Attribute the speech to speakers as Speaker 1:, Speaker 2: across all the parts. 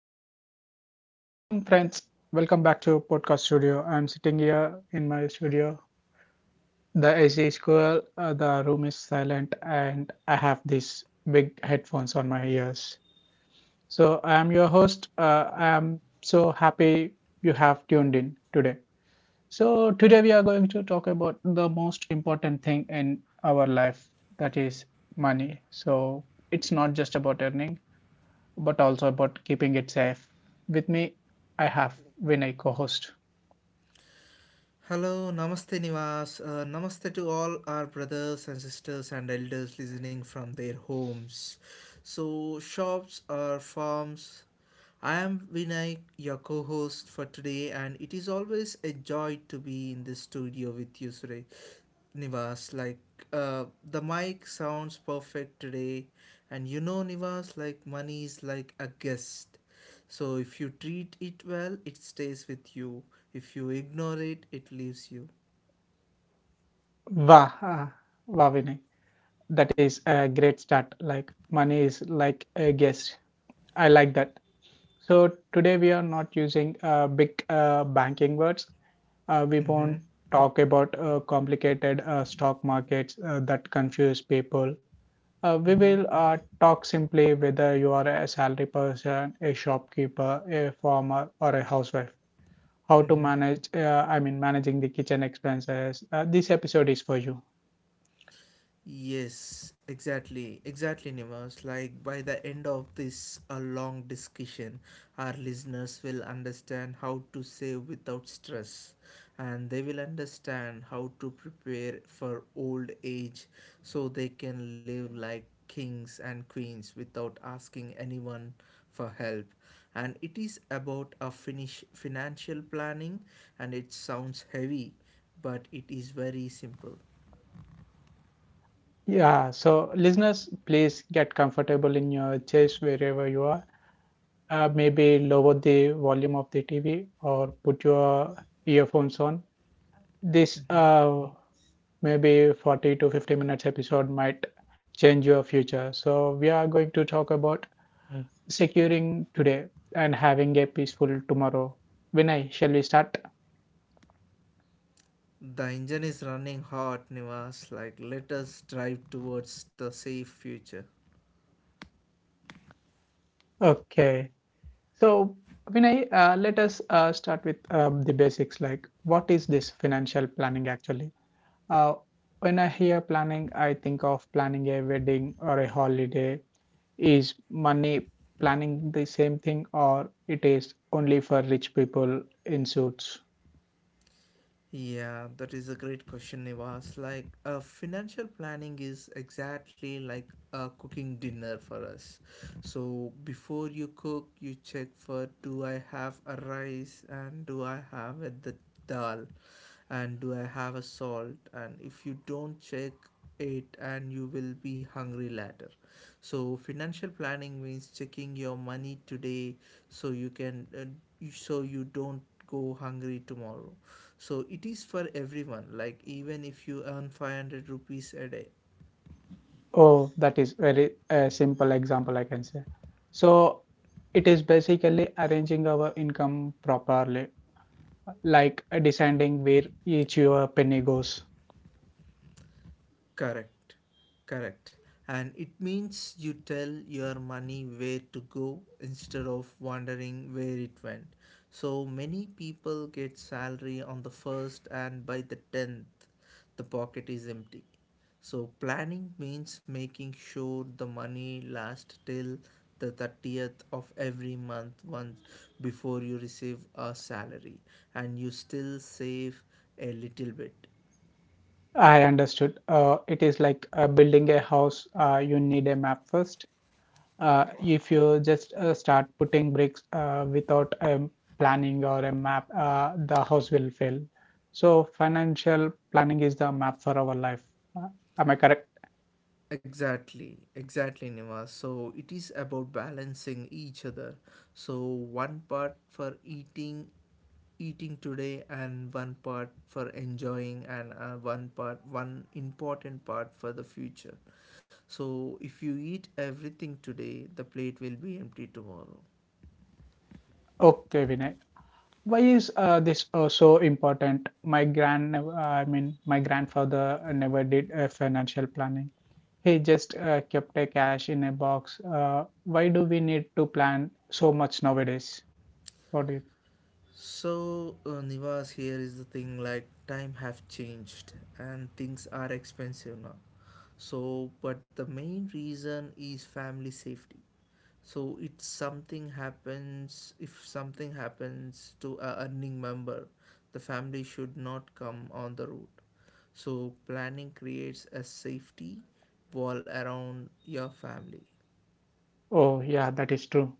Speaker 1: Yes. Welcome, friends. Welcome back to podcast studio. I'm sitting here in my studio. The AC is cool. The room is silent, and I have these big headphones on my ears. So I'm your host. I'm so happy you have tuned in today. So today we are going to talk about the most important thing in our life, that is money. So it's not just about earning but also about keeping it safe. With me, I have Vinay co host.
Speaker 2: Hello, Namaste Nivas. Namaste to all our brothers and sisters and elders listening from their homes. So, shops or farms I am Vinay, your co host for today, and it is always a joy to be in the studio with you, Sure Nivas. The mic sounds perfect today, and Nivas, like, money is like a guest. So, if you treat it well, it stays with you. If you ignore it, it leaves you.
Speaker 1: Wow, ah, wow, Vinay. That is a great start. Like, money is like a guest. I like that. So, today we are not using big banking words. We
Speaker 2: Mm hmm.
Speaker 1: won't talk about complicated stock markets that confuse people. We
Speaker 2: Mm
Speaker 1: will talk simply whether you are a salary person, a shopkeeper, a farmer, or a housewife. How to
Speaker 2: hmm.
Speaker 1: manage managing the kitchen expenses, this episode is for you.
Speaker 2: Yes, exactly, Nimas. Like by the end of this a long discussion, our listeners will understand how to save without stress, and they will understand how to prepare for old age so they can live like kings and queens without asking anyone for help. And it is about a finish financial planning, and it sounds heavy, but it is very simple.
Speaker 1: Yeah, so listeners, please get comfortable in your chairs wherever you are. Maybe lower the volume of the TV or put your earphones on. This
Speaker 2: Mhm.
Speaker 1: maybe 40 to 50 minutes episode might change your future. So we are going to talk about securing today and having a peaceful tomorrow. Vinay, shall we start?
Speaker 2: The engine is running hot, Nivas. Like, let us drive towards the safe future.
Speaker 1: Okay. So, Vinay, let us start with the basics, like what is this financial planning actually? Uh, when I hear planning, I think of planning a wedding or a holiday. Is money planning the same thing, or it is only for rich people in suits?
Speaker 2: Yeah, that is a great question, Nivas. Financial planning is exactly like cooking dinner for us. So, before you cook, you check for do I have a rice and do I have a the dal? And do I have a salt, and if you don't check it and you will be hungry later. So financial planning means checking your money today so you can so you don't go hungry tomorrow. So it is for everyone, like even if you earn 500 rupees a day.
Speaker 1: Oh, that is very simple example, I can say. So, it is basically arranging our income properly, like deciding where each your penny goes.
Speaker 2: Correct, correct. And it means you tell your money where to go instead of wondering where it went. So many people get salary on the first, and by the tenth, the pocket is empty. So planning means making sure the money lasts till the 30th of every month once before you receive a salary, and you still save a little bit.
Speaker 1: I understood. It is like building a house. You need a map first. If you just start putting bricks without planning or a map, the house will fail. So financial planning is the map for our life. Uh, am I correct?
Speaker 2: Exactly, Nima. So it is about balancing each other. So one part for eating, eating today, and one part for enjoying, and one part, one important part for the future. So if you eat everything today, the plate will be empty tomorrow.
Speaker 1: Okay, Vinay. Why is this so important? My grandfather never did financial planning. He just kept a cash in a box. Why do we need to plan so much nowadays? What do you?
Speaker 2: So, Nivas, here is the thing, like time have changed and things are expensive now. So, but the main reason is family safety. So if something happens to a earning member, the family should not come on the road. So planning creates a safety wall around your family.
Speaker 1: Oh, yeah, that is true.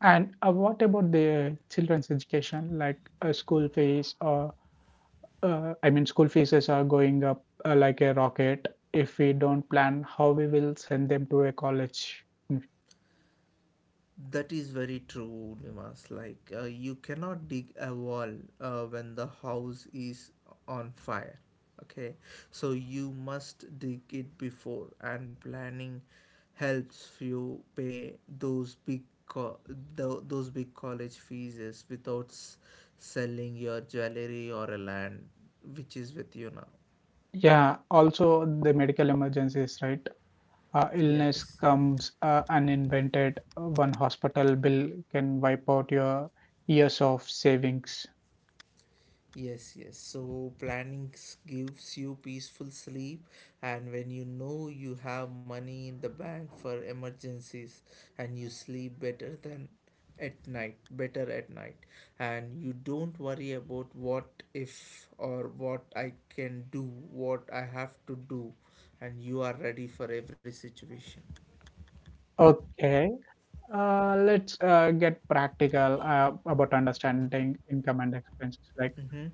Speaker 1: And what about the children's education, like school fees or school fees is are going up like a rocket. If we don't plan how we will send them to a college.
Speaker 2: That is very true, Limas. Like, you cannot dig a wall when the house is on fire. Okay, so you must dig it before, and planning helps you pay those big college fees without selling your jewelry or a land which is with you now.
Speaker 1: Yeah, also the medical emergencies, right? Illness
Speaker 2: Yes.
Speaker 1: comes uninvented. One hospital bill can wipe out your years of savings.
Speaker 2: Yes, yes. So planning gives you peaceful sleep, and when you know you have money in the bank for emergencies, and you sleep better at night, and you don't worry about what if or what I can do, what I have to do, and you are ready for every situation.
Speaker 1: Okay, let's get practical about understanding income and expenses. Like,
Speaker 2: Mm-hmm.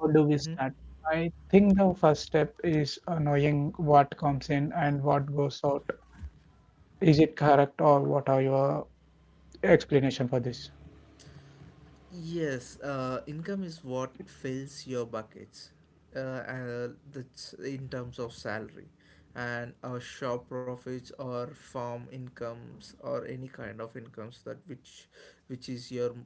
Speaker 1: how do we
Speaker 2: Mm-hmm.
Speaker 1: start? I think the first step is knowing what comes in and what goes out. Is it correct, or what are your explanation for this?
Speaker 2: Yes, income is what fills your buckets, and that's in terms of salary, and our shop profits or farm incomes or any kind of incomes that which is your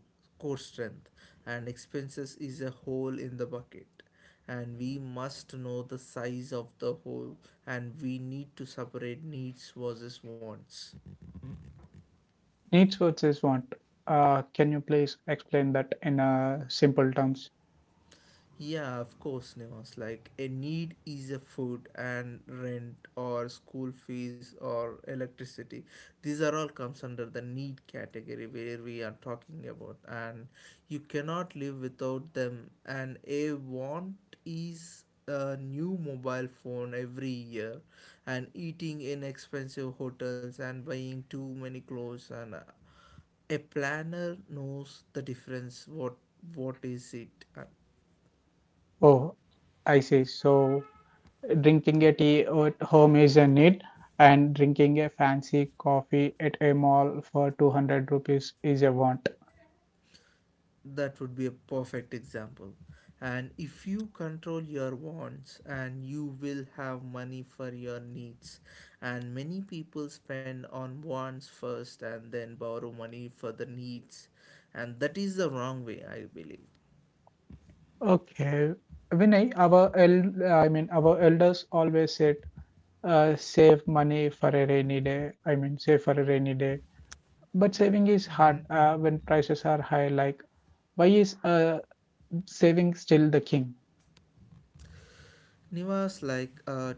Speaker 2: core strength, and expenses is a hole in the bucket, and we must know the size of the hole, and we need to separate needs versus wants.
Speaker 1: Needs versus want. Can you please explain that in simple terms?
Speaker 2: Yeah, of course, Nivas. Like a need is a food and rent or school fees or electricity. These are all comes under the need category where we are talking about, and you cannot live without them. And a want is a new mobile phone every year, and eating in expensive hotels and buying too many clothes and. A planner knows the difference. What is it?
Speaker 1: Oh, I see. So, drinking a tea at home is a need, and drinking a fancy coffee at a mall for 200 rupees is a want.
Speaker 2: That would be a perfect example. And if you control your wants and you will have money for your needs. And many people spend on wants first and then borrow money for the needs. And that is the wrong way, I believe.
Speaker 1: Okay. Vinay, our elders always said, save money for a rainy day. I mean, save for a rainy day. But saving is hard
Speaker 2: Hmm.
Speaker 1: when prices are high. Like, why is saving still the king?
Speaker 2: Niva's like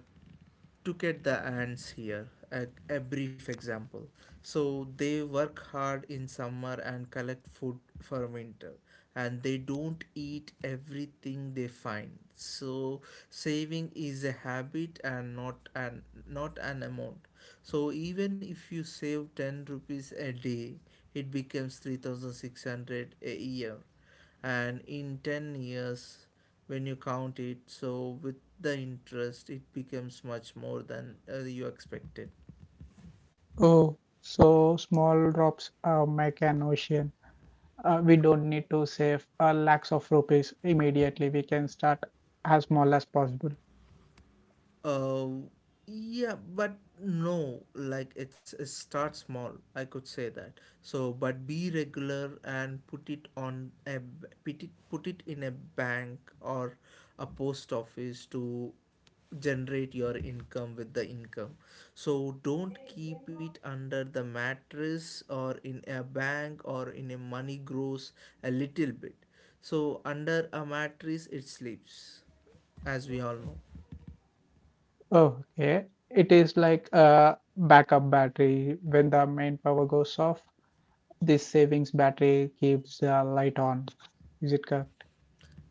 Speaker 2: look at the ants, here a brief example. So they work hard in summer and collect food for winter, and they don't eat everything they find. So saving is a habit and not an amount. So even if you save 10 rupees a day, it becomes 3,600 a year, and in 10 years when you count it, so with the interest it becomes much more than you expected.
Speaker 1: Oh, so small drops make an ocean. We don't need to save lakhs of rupees immediately. We can start as small as possible.
Speaker 2: Uh, yeah, but no, like It's a start small, I could say that. So, but be regular and put it on a b- put it in a bank or a post office to generate your income with the income. So don't keep it under the mattress or in a bank or in a money grows a little bit. So under a mattress it sleeps, as we all know.
Speaker 1: Okay, it is like a backup battery. When the main power goes off, this savings battery keeps the light on. Is it correct?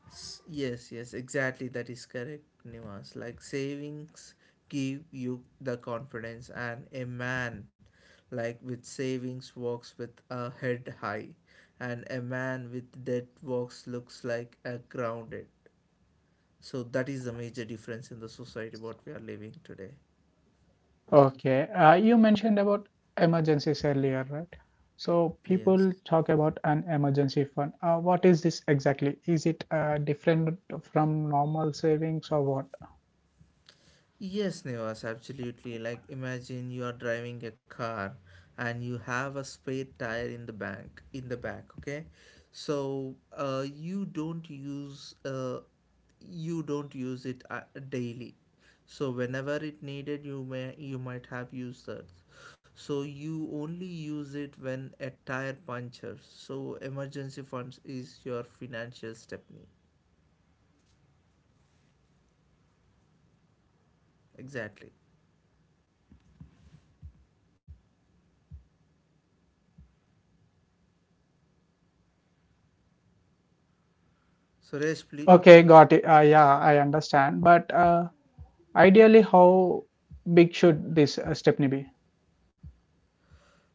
Speaker 2: Yes, yes, exactly. That is correct, Nivas. Like savings give you the confidence, and a man, like with savings, walks with a head high, and a man with debt walks looks like a grounded. So that is the major difference in the society what we are living today.
Speaker 1: Okay. You mentioned about emergencies earlier, right? So people
Speaker 2: Yes.
Speaker 1: talk about an emergency fund. What is this exactly? Is it different from normal savings or what?
Speaker 2: Yes, Nevas, absolutely. Like, imagine you are driving a car and you have a spare tire in the bank in the back. Okay, so you don't use it daily. So whenever it needed, you might have used that. So you only use it when a tire punctures. So emergency funds is your financial stepney. Exactly. Suresh, please.
Speaker 1: Okay, got it. Yeah, I understand. But ideally, how big should this Stepney be?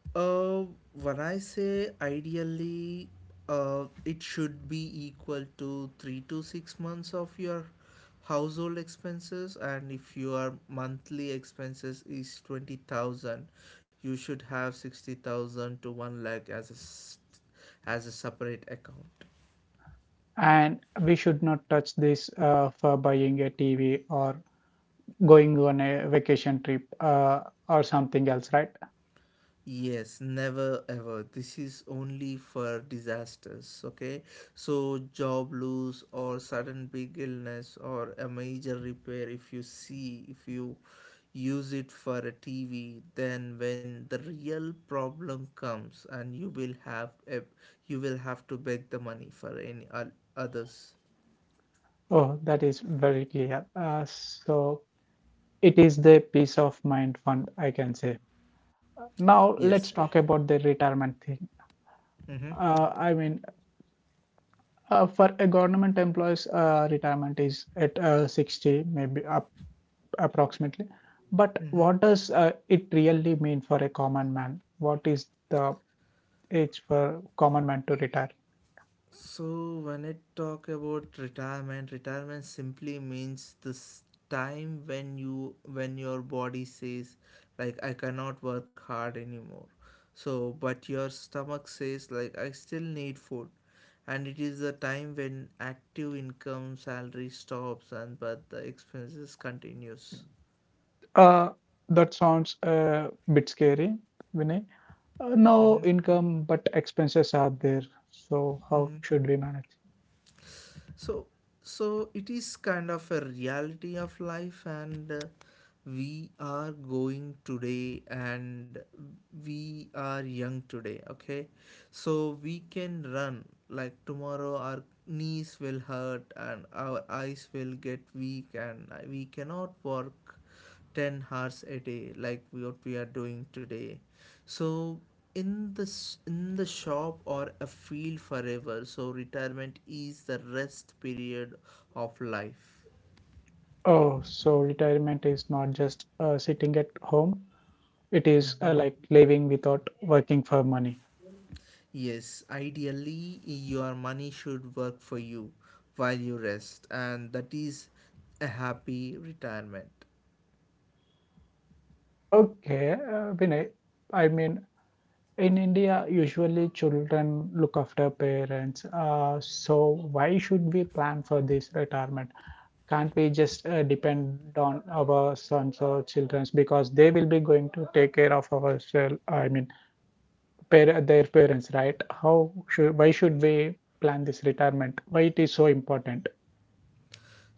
Speaker 2: Uh, when I say ideally, it should be equal to 3 to 6 months of your household expenses, and if your monthly expenses is 20,000, you should have 60,000 to one lakh as as a separate account.
Speaker 1: And we should not touch this for buying a TV or going on a vacation trip, or something else, right?
Speaker 2: Yes, never ever. This is only for disasters, okay? So, job loss or sudden big illness or a major repair, if you see, if you use it for a TV, then when the real problem comes and you will have to beg the money for any others.
Speaker 1: Oh, that is very clear. So it is the peace of mind fund, I can say. Now
Speaker 2: Yes.
Speaker 1: let's talk about the retirement thing.
Speaker 2: Mm-hmm.
Speaker 1: Uh, I mean, for a government employees, retirement is at 60, maybe up, approximately. But
Speaker 2: Mm-hmm.
Speaker 1: what does it really mean for a common man? What is the age for common man to retire?
Speaker 2: So when I talk about retirement, retirement simply means this time when your body says like I cannot work hard anymore. So but your stomach says like I still need food. And it is the time when active income salary stops and but the expenses continues.
Speaker 1: Uh, that sounds a bit scary, Vinay.
Speaker 2: Mm-hmm.
Speaker 1: No income, but expenses are there. So how
Speaker 2: Mm-hmm.
Speaker 1: should we manage?
Speaker 2: so so it is kind of a reality of life, and we are going today, and we are young today, okay? So we can run, like tomorrow our knees will hurt and our eyes will get weak, and we cannot work 10 hours a day like what we are doing today. So in the in the shop or a field forever. So retirement is the rest period of life.
Speaker 1: Oh, so retirement is not just sitting at home, it is
Speaker 2: Hmm.
Speaker 1: like living without working for money.
Speaker 2: Yes, ideally your money should work for you while you rest, and that is a happy retirement.
Speaker 1: Okay, Vinay, I mean, in India, usually children look after parents. So why should we plan for this retirement? Can't we just depend on our sons or children because they will be going to take care of ourselves, par their parents, right? How should, why should we plan this retirement? Why it is so important?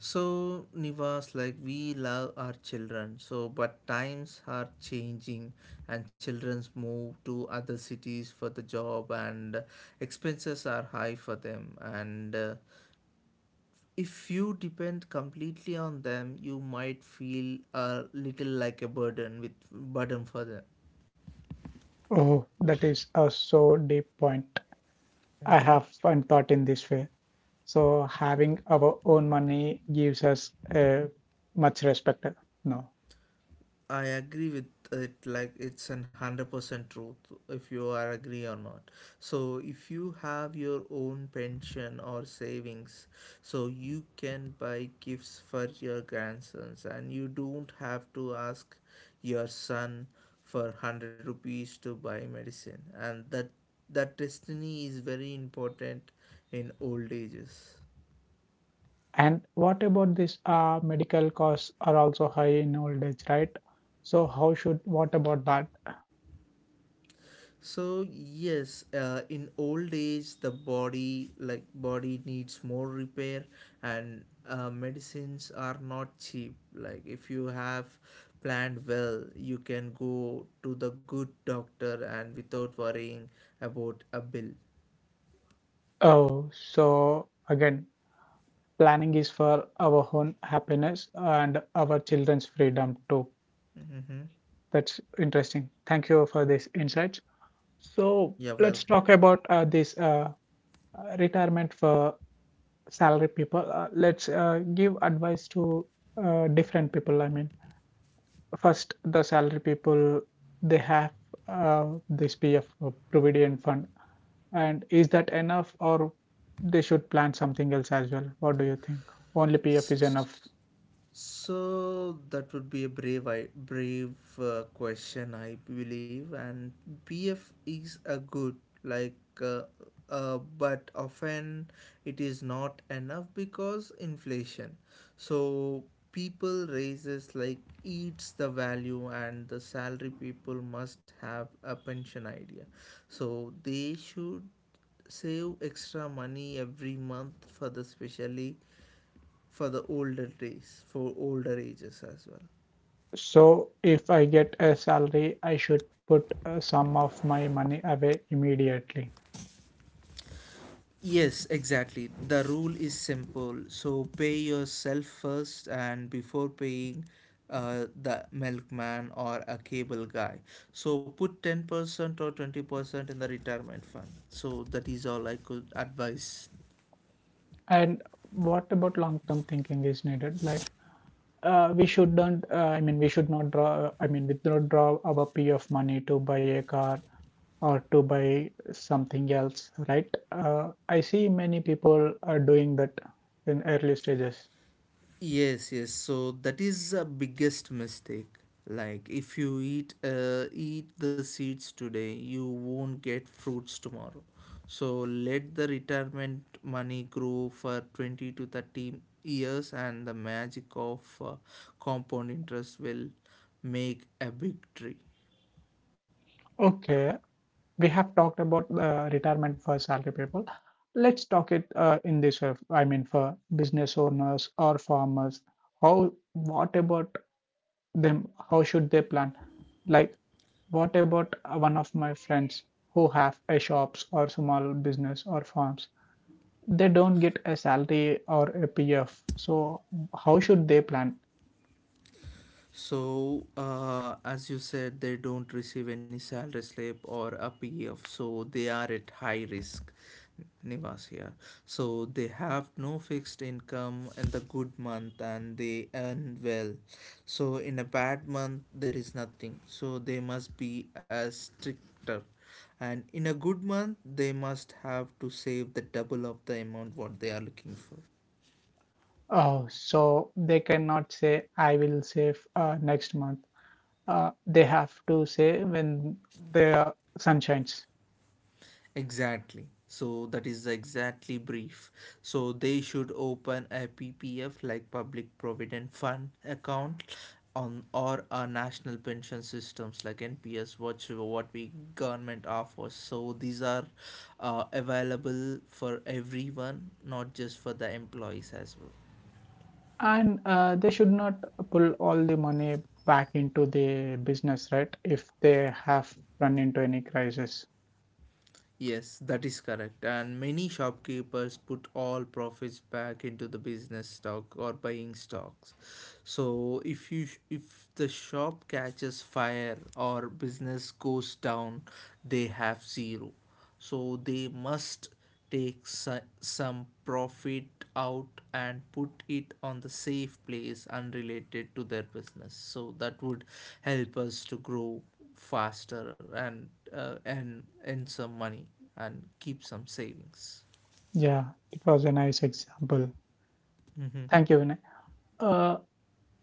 Speaker 2: So Nivas, like we love our children, so but times are changing, and children's move to other cities for the job, and expenses are high for them, and if you depend completely on them, you might feel a little like a burden with burden for them.
Speaker 1: Oh, that is a so deep point. I
Speaker 2: Mm-hmm.
Speaker 1: haven't thought in this way. So having our own money gives us much respect. No.
Speaker 2: I agree with it, like it's an 100% truth if you are agree or not. So if you have your own pension or savings, so you can buy gifts for your grandsons, and you don't have to ask your son for 100 rupees to buy medicine, and that destiny is very important in old ages.
Speaker 1: And what about this? Medical costs are also high in old age, right? So how should, what about that?
Speaker 2: So yes, in old age, the body like body needs more repair, and medicines are not cheap. Like if you have planned well, you can go to the good doctor and without worrying about a bill.
Speaker 1: Oh, so again, planning is for our own happiness and our children's freedom too.
Speaker 2: Hmm.
Speaker 1: That's interesting. Thank you for this insight. So
Speaker 2: You're
Speaker 1: let's
Speaker 2: welcome.
Speaker 1: talk about this retirement for salary people. Let's give advice to different people. First, the salary people, they have this PF, Provident Fund. And is that enough, or they should plan something else as well? What do you think? Only PF is enough.
Speaker 2: So that would be a brave question, I believe. And BF is a good, like, uh, but often it is not enough because inflation. So people raises like eats the value, and the salary people must have a pension idea. So they should save extra money every month for the specially for the older days, for older ages as well.
Speaker 1: So if I get a salary, I should put some of my money away immediately.
Speaker 2: Yes, exactly. The rule is simple. So pay yourself first, and before paying the milkman or a cable guy. So put 10% or 20% in the retirement fund. So that is all I could advise.
Speaker 1: And what about long-term thinking is needed? Like, we should not draw, we don't draw our P of money to buy a car or to buy something else, right? I see many people are doing that in early stages.
Speaker 2: Yes, yes. So that is a biggest mistake. Like if you eat the seeds today, you won't get fruits tomorrow. So let the retirement money grow for 20 to 30 years, and the magic of compound interest will make a big tree.
Speaker 1: Okay, we have talked about retirement for salary people. Let's talk it in this way. For business owners or farmers, how, what about them? How should they plan? Like, what about one of my friends who have a shops or small business or farms? They don't get a salary or a PF. So how should they plan?
Speaker 2: So, as you said, they don't receive any salary slip or a P F. So they are at high risk, Nivas here. So, they have no fixed income in the good month and they earn well. So, in a bad month, there is nothing. So, they must be as stricter. And in a good month, they must have to save the double of the amount what they are looking for.
Speaker 1: Oh, so they cannot say I will save next month. They have to say when the sun shines.
Speaker 2: Exactly. So that is exactly brief. So they should open a PPF like Public Provident Fund account on or a national pension systems like NPS what we government offers. So these are available for everyone, not just for the employees as well.
Speaker 1: And they should not pull all the money back into the business, right? If they have run into any crisis.
Speaker 2: Yes, that is correct. And many shopkeepers put all profits back into the business stock or buying stocks. So if the shop catches fire or business goes down, they have zero. So they must take some profit out and put it on the safe place unrelated to their business. So that would help us to grow faster and earn some money and keep some savings.
Speaker 1: Yeah, it was a nice example.
Speaker 2: Mm-hmm.
Speaker 1: Thank you, Vinay. Uh,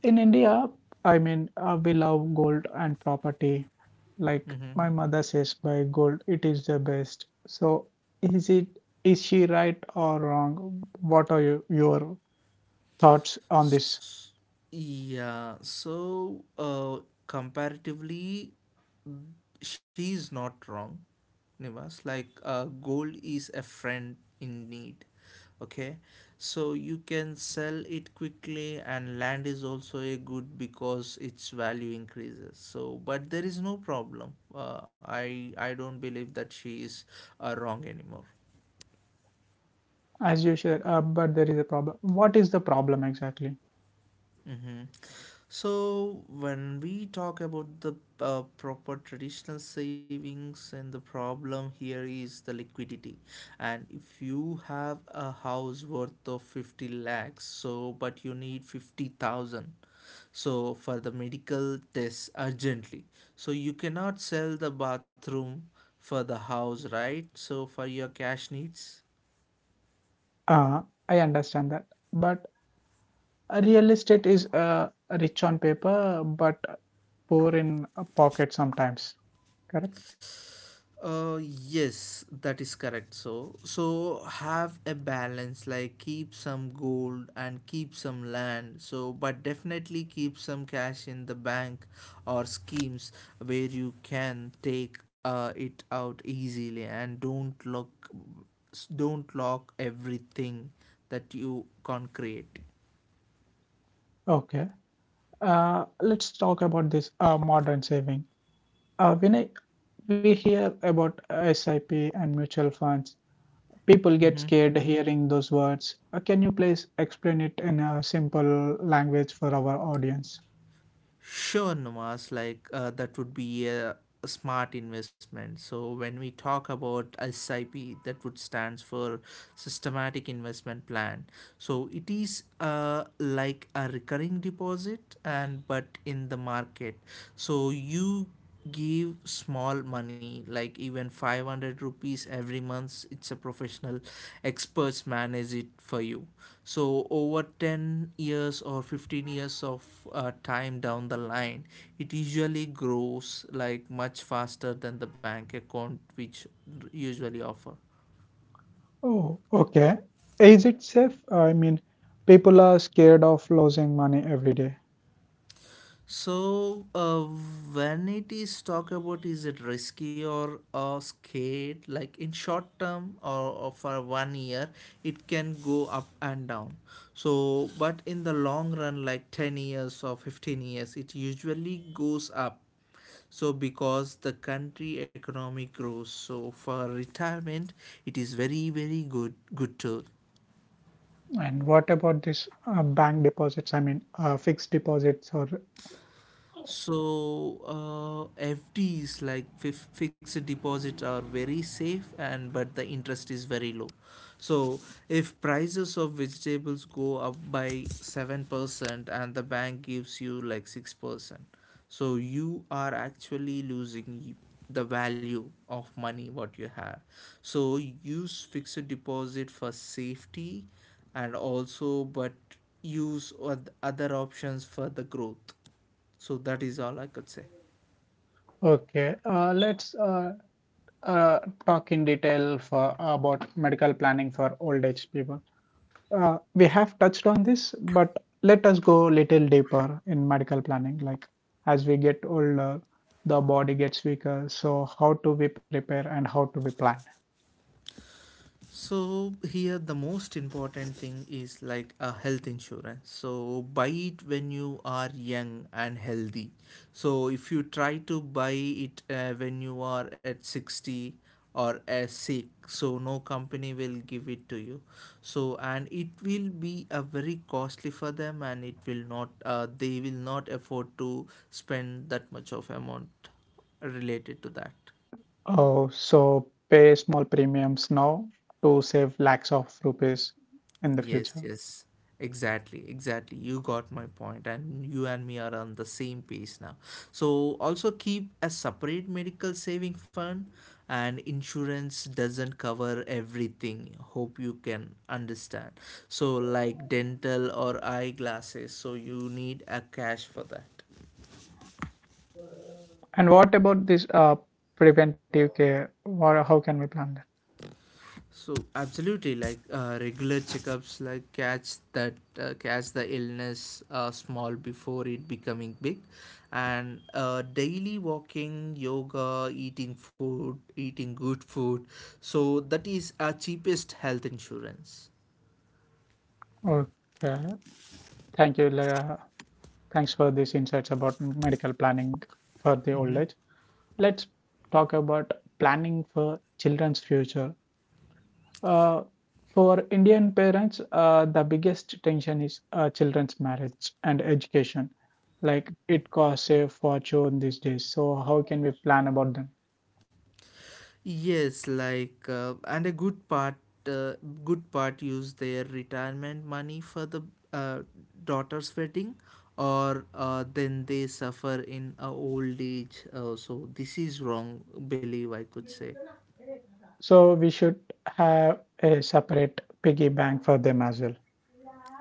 Speaker 1: in India, we love gold and property. Like
Speaker 2: Mm-hmm.
Speaker 1: my mother says, buy gold, it is the best. So, is it is she right or wrong? What are you, your thoughts on this?
Speaker 2: S- yeah. So comparatively, she's not wrong. Nivas, like gold is a friend in need. Okay, so you can sell it quickly, and land is also a good because its value increases. So, but there is no problem. I don't believe that she is wrong anymore.
Speaker 1: As you said, but there is a problem. What is the problem exactly?
Speaker 2: Mm-hmm. So, when we talk about the proper traditional savings, and the problem here is the liquidity. And if you have a house worth of 50 lakhs, so but you need 50,000, so for the medical tests urgently, so you cannot sell the bathroom for the house, right? So, for your cash needs.
Speaker 1: Uh, I understand that, but real estate is rich on paper, but poor in a pocket sometimes. Correct?
Speaker 2: Uh, yes, that is correct. So, have a balance, like keep some gold and keep some land. So, but definitely keep some cash in the bank or schemes where you can take it out easily and don't lock everything that you can create.
Speaker 1: Okay. Let's talk about this modern saving. Uh, when I, we hear about SIP and mutual funds, people get
Speaker 2: Mm-hmm.
Speaker 1: scared hearing those words. Can you please explain it in a simple language for our audience?
Speaker 2: Sure, Numas, like that would be a smart investment. So when we talk about SIP, that would stands for systematic investment plan, so it is like a recurring deposit and but in the market, so you give small money like even 500 rupees every month. It's a professional experts manage it for you, so over 10 years or 15 years of time down the line, it usually grows like much faster than the bank account which usually offer.
Speaker 1: Oh, okay. Is it safe? I mean, people are scared of losing money every day.
Speaker 2: So, when it is talk about is it risky or scared, like in short term or for 1 year, it can go up and down. So, but in the long run, like 10 years or 15 years, it usually goes up. So, because the country economy grows, so for retirement, it is very, very good, good tool.
Speaker 1: And what about this bank deposits? Fixed deposits or
Speaker 2: So FDs like fixed deposit are very safe and but the interest is very low. So if prices of vegetables go up by 7% and the bank gives you like 6%, so you are actually losing the value of money what you have. So use fixed deposit for safety and also but use other options for the growth, so that is all I could say.
Speaker 1: okay. Let's uh, talk in detail for about medical planning for old age people. Uh, we have touched on this, but let us go a little deeper in medical planning. Like as we get older, the body gets weaker. So how do we prepare and how do we plan?
Speaker 2: So here the most important thing is like a health insurance, so buy it when you are young and healthy. So if you try to buy it when you are at 60 or as sick, so no company will give it to you. So and it will be a very costly for them and it will not they will not afford to spend that much of amount related to that.
Speaker 1: Oh, so pay small premiums now to save lakhs of rupees in the
Speaker 2: Yes,
Speaker 1: future.
Speaker 2: yes, exactly. You got my point, and you and me are on the same page now. So, also keep a separate medical saving fund, and insurance doesn't cover everything. Hope you can understand. So, like dental or eyeglasses, so you need a cash for that.
Speaker 1: And what about this preventive care? What, how can we plan that?
Speaker 2: So absolutely, like regular checkups, like catch the illness small before it becoming big, and daily walking, yoga, eating good food. So that is our cheapest health insurance.
Speaker 1: Okay. Thank you. Leah. Thanks for these insights about medical planning for the old age. Let's talk about planning for children's future. Uh, for Indian parents, the biggest tension is children's marriage and education. Like it costs a fortune these days. So how can we plan about them?
Speaker 2: Yes, like and a uh, good part use their retirement money for the uh, daughter's wedding or then they suffer in a old age so this is wrong believe I could say.
Speaker 1: So we should have a separate piggy bank for them as well.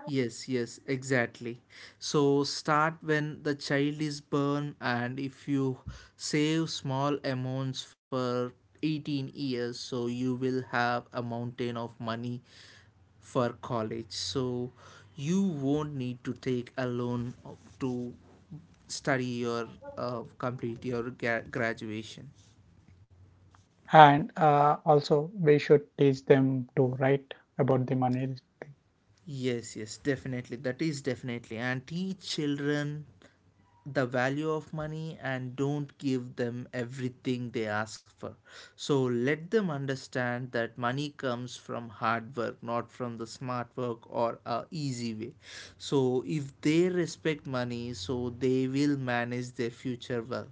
Speaker 2: Yes, yes, exactly. So start when the child is born, and if you save small amounts for 18 years, so you will have a mountain of money for college. So you won't need to take a loan to study or complete your graduation.
Speaker 1: And also, we should teach them to write about the money.
Speaker 2: Yes, yes, definitely. That is definitely. And teach children the value of money and don't give them everything they ask for. So let them understand that money comes from hard work, not from the smart work or a easy way. So if they respect money, so they will manage their future well.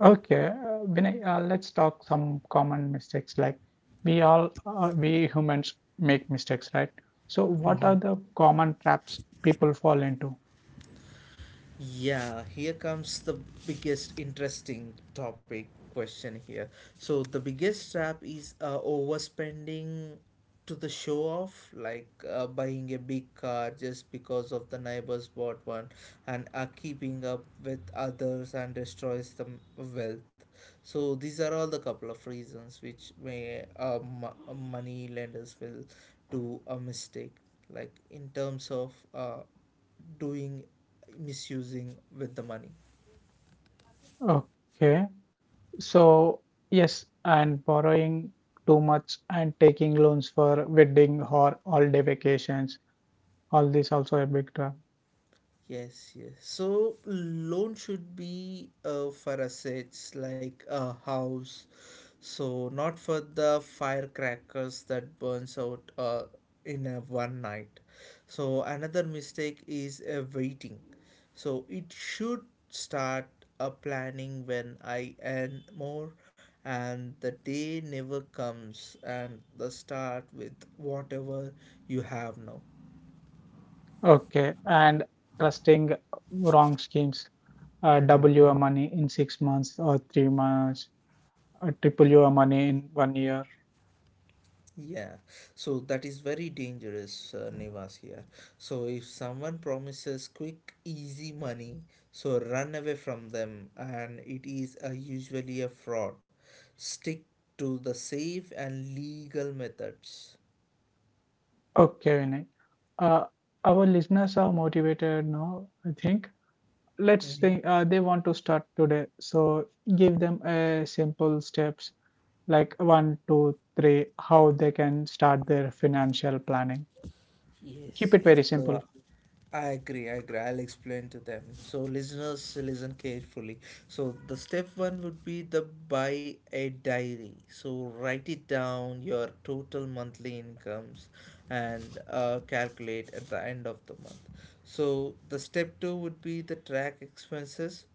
Speaker 1: Okay, Vinay, let's talk some common mistakes. Like we humans make mistakes, right? So, what are the common traps people fall into?
Speaker 2: Yeah, here comes the biggest interesting topic question here. So the biggest trap is overspending to the show off, like buying a big car just because of the neighbors bought one, and are keeping up with others and destroys the wealth. So these are all the couple of reasons which may money lenders will do a mistake, like in terms of doing misusing with the money.
Speaker 1: Okay, so yes, and borrowing too much and taking loans for wedding or all-day vacations, all this also a big trap.
Speaker 2: Yes, yes. So loan should be for assets like a house, so not for the firecrackers that burns out in a one night. So another mistake is waiting. So it should start a planning when I earn more, and the day never comes, and the start with whatever you have now.
Speaker 1: Okay, and trusting wrong schemes,
Speaker 2: Mm-hmm.
Speaker 1: double your money in 6 months or 3 months, triple your money in 1 year.
Speaker 2: Yeah, so that is very dangerous, Nivas here. So if someone promises quick, easy money, so run away from them, and it is usually a fraud. Stick to the safe and legal methods.
Speaker 1: Okay, Vinay. Uh, our listeners are motivated now, I think. Let's
Speaker 2: Mm-hmm.
Speaker 1: think they want to start today. So give them a simple steps like one, two, three, how they can start their financial planning. Keep
Speaker 2: Yes,
Speaker 1: it
Speaker 2: yes.
Speaker 1: very
Speaker 2: So
Speaker 1: simple.
Speaker 2: I agree. I'll explain to them. So listeners, listen carefully. So the step one would be the buy a diary. So write it down your total monthly incomes and calculate at the end of the month. So the step two would be the track expenses.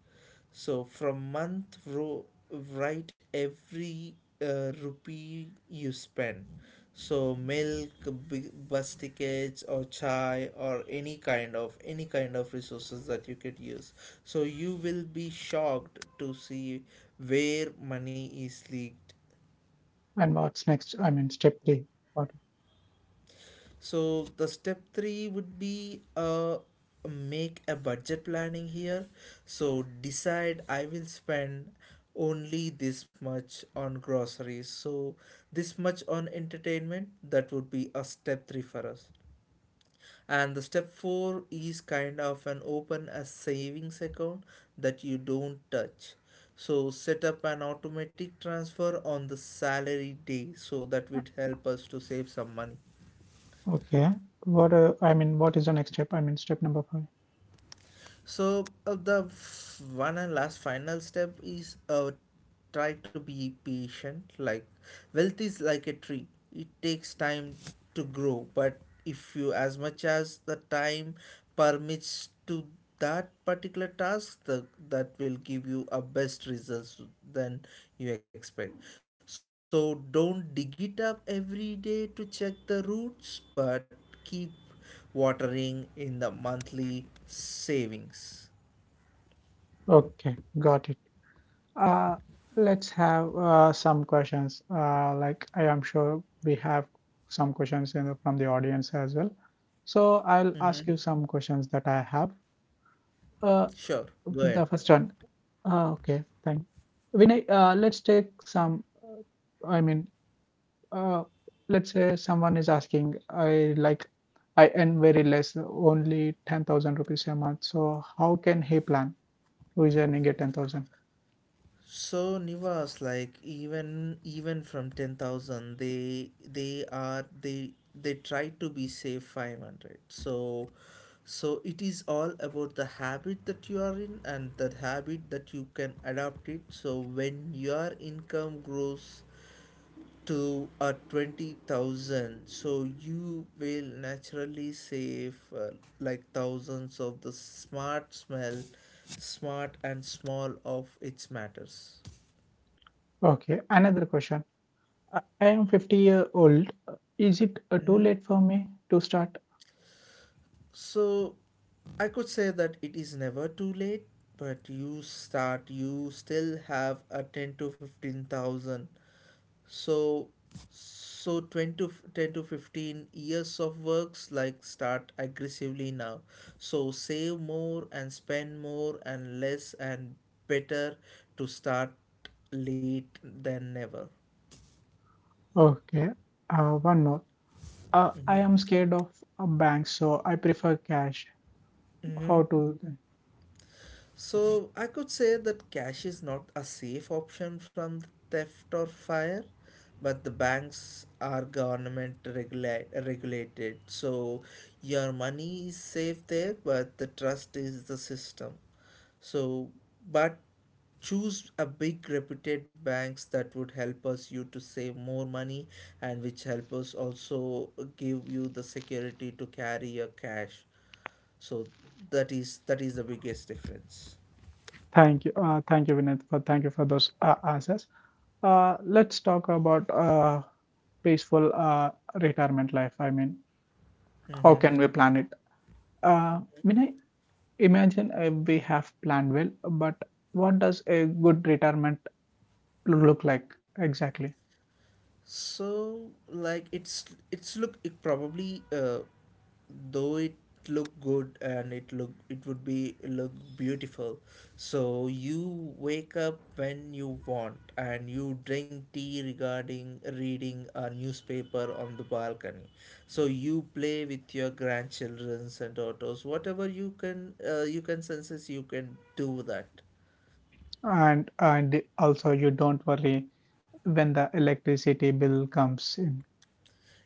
Speaker 2: So from month, write every rupee you spend. So milk, big bus tickets, or chai, or any kind of resources that you could use. So you will be shocked to see where money is leaked.
Speaker 1: And what's next? I mean, step three. What?
Speaker 2: So the step three would be make a budget planning here. So decide I will spend only this much on groceries. So this much on entertainment. That would be a step three for us. And the step four is kind of an open a savings account that you don't touch. So set up an automatic transfer on the salary day, so that would help us to save some money.
Speaker 1: Okay. What? What is the next step? I mean, step number five.
Speaker 2: So one and last final step is try to be patient. Like wealth is like a tree; it takes time to grow. But if you, as much as the time permits to that particular task, that will give you a best results than you expect. So don't dig it up every day to check the roots, but keep watering in the monthly savings.
Speaker 1: Okay, got it. Uh, let's have some questions. Like I am sure we have some questions in the, from the audience as well. So I'll
Speaker 2: Mm-hmm.
Speaker 1: ask you some questions that I have. Uh,
Speaker 2: Sure, go ahead.
Speaker 1: the first one. Okay, thank. Vinay, uh, let's say someone is asking, I earn very less, only 10,000 rupees a month. So how can he plan who is earning a 10,000?
Speaker 2: So Nivas, like even from 10,000, they are they try to be safe 500. So so it is all about the habit that you are in and that habit that you can adapt it. So when your income grows to a 20,000, so you will naturally save like thousands of the smart and small of its matters.
Speaker 1: Okay, another question. I am 50-year-old. Is it too
Speaker 2: Mhm.
Speaker 1: late for me to start?
Speaker 2: So I could say that it is never too late, but you start you still have a 10 to 15,000. So, so 10 to, 10 to 15 years of works like start aggressively now. So, save more and spend more and less and better to start late than never.
Speaker 1: Okay. One more. I am scared of a bank, so I prefer cash. How to?
Speaker 2: So I could say that cash is not a safe option from theft or fire, but the banks are regulated. So your money is safe there, but the trust is the system. So, but choose a big reputed banks that would help us you to save more money and which help us also give you the security to carry your cash. So that is the biggest difference.
Speaker 1: Thank you. Thank you, Vinith, for thank you for those answers. Let's talk about peaceful retirement life. How
Speaker 2: Mm-hmm.
Speaker 1: can we plan it? Uh, Vinay, imagine we have planned well, but what does a good retirement look like exactly?
Speaker 2: So, like, it's look it probably though it look good and it would be look beautiful. So you wake up when you want and you drink tea regarding reading a newspaper on the balcony. So you play with your grandchildrens and daughters, whatever you can senses you can do that.
Speaker 1: And also you don't worry when the electricity bill comes in.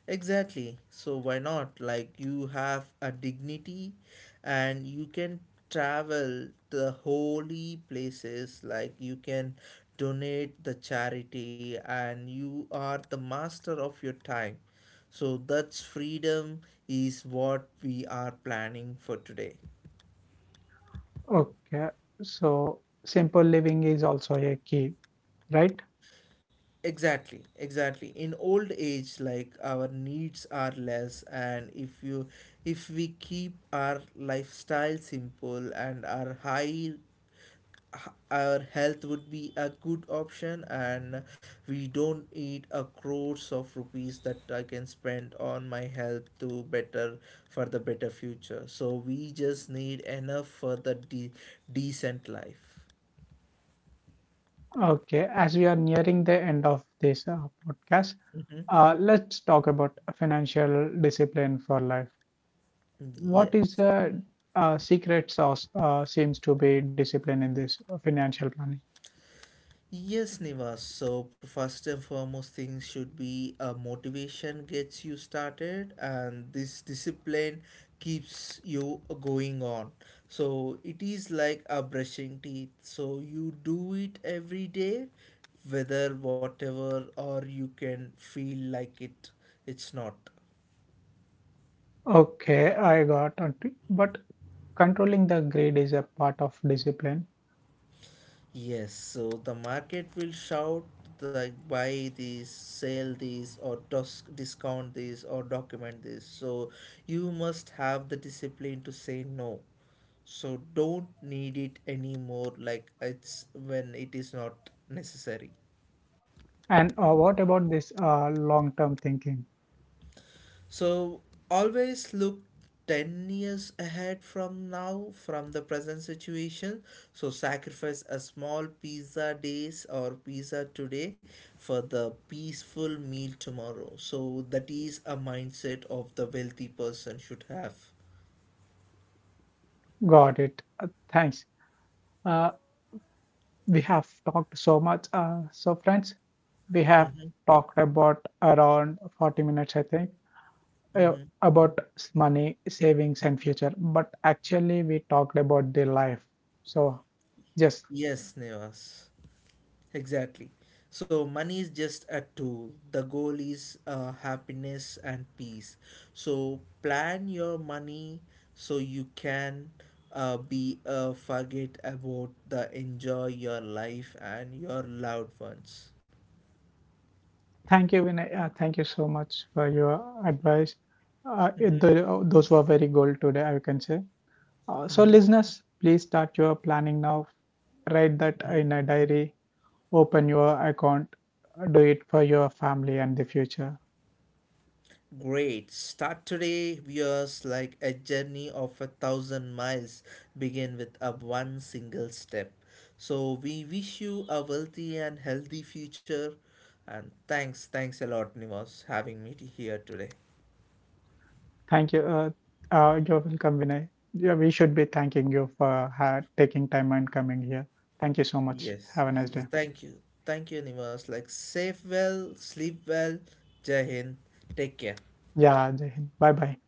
Speaker 2: Exactly. So why not? Like you have a dignity and you can travel the holy places like you can donate the charity and you are the master of your time. So that's freedom is what we are planning for today.
Speaker 1: Okay, so simple living is also a key, right?
Speaker 2: Exactly, exactly. In old age, like our needs are less, and if we keep our lifestyle simple and our health would be a good option, and we don't need a crores of rupees that I can spend on my health to better for the better future. So we just need enough for the decent life.
Speaker 1: Okay, as we are nearing the end of this podcast,
Speaker 2: Mm-hmm.
Speaker 1: let's talk about financial discipline for life. What is
Speaker 2: Yes.
Speaker 1: the secret sauce seems to be discipline in this financial planning?
Speaker 2: Yes, Nivas. So, first and foremost, things should be a motivation gets you started, and this discipline keeps you going on. So, it is like a brushing teeth. So, you do it every day, or you can feel like it, it's not.
Speaker 1: Okay, I got it. But controlling the greed is a part of discipline.
Speaker 2: Yes, so the market will shout like buy this, sell this, or discount this, or document this. So you must have the discipline to say no. So don't need it anymore. Like it's when it is not necessary.
Speaker 1: And what about this long term thinking?
Speaker 2: So always look 10 years ahead from now from the present situation. So sacrifice a small pizza days or pizza today for the peaceful meal tomorrow. So that is a mindset of the wealthy person should have.
Speaker 1: Got it. Thanks. Uh, we have talked so much. So, friends, we have
Speaker 2: Mm-hmm,
Speaker 1: talked about around 40 minutes, I think, uh,
Speaker 2: mm-hmm.
Speaker 1: about money, savings, and future. But actually, we talked about the life. So, just
Speaker 2: Yes. Nevas. Exactly. So money is just a tool. The goal is happiness and peace. So plan your money so you can be forget about the enjoy your life and your loved ones.
Speaker 1: thank you, Vinay. Thank you so much for your advice.
Speaker 2: Mm-hmm.
Speaker 1: Those were very gold today, I can say. So,
Speaker 2: Mm-hmm.
Speaker 1: listeners, please start your planning now. Write that in a diary. Open your account. Do it for your family and the future.
Speaker 2: Great. Start today, viewers, like a journey of a thousand miles begin with a one single step. So we wish you a wealthy and healthy future. And thanks a lot, Nivas, having me here today.
Speaker 1: Thank you. You're welcome, Vinay. Yeah, we should be thanking you for ha taking time and coming here. Thank you so much. Have a
Speaker 2: Yes,
Speaker 1: nice
Speaker 2: yes.
Speaker 1: day.
Speaker 2: Thank you. Thank you, Nivas. Like safe well, sleep well. Jai Hind. Take care.
Speaker 1: Yeah, Jai Hind. Bye bye.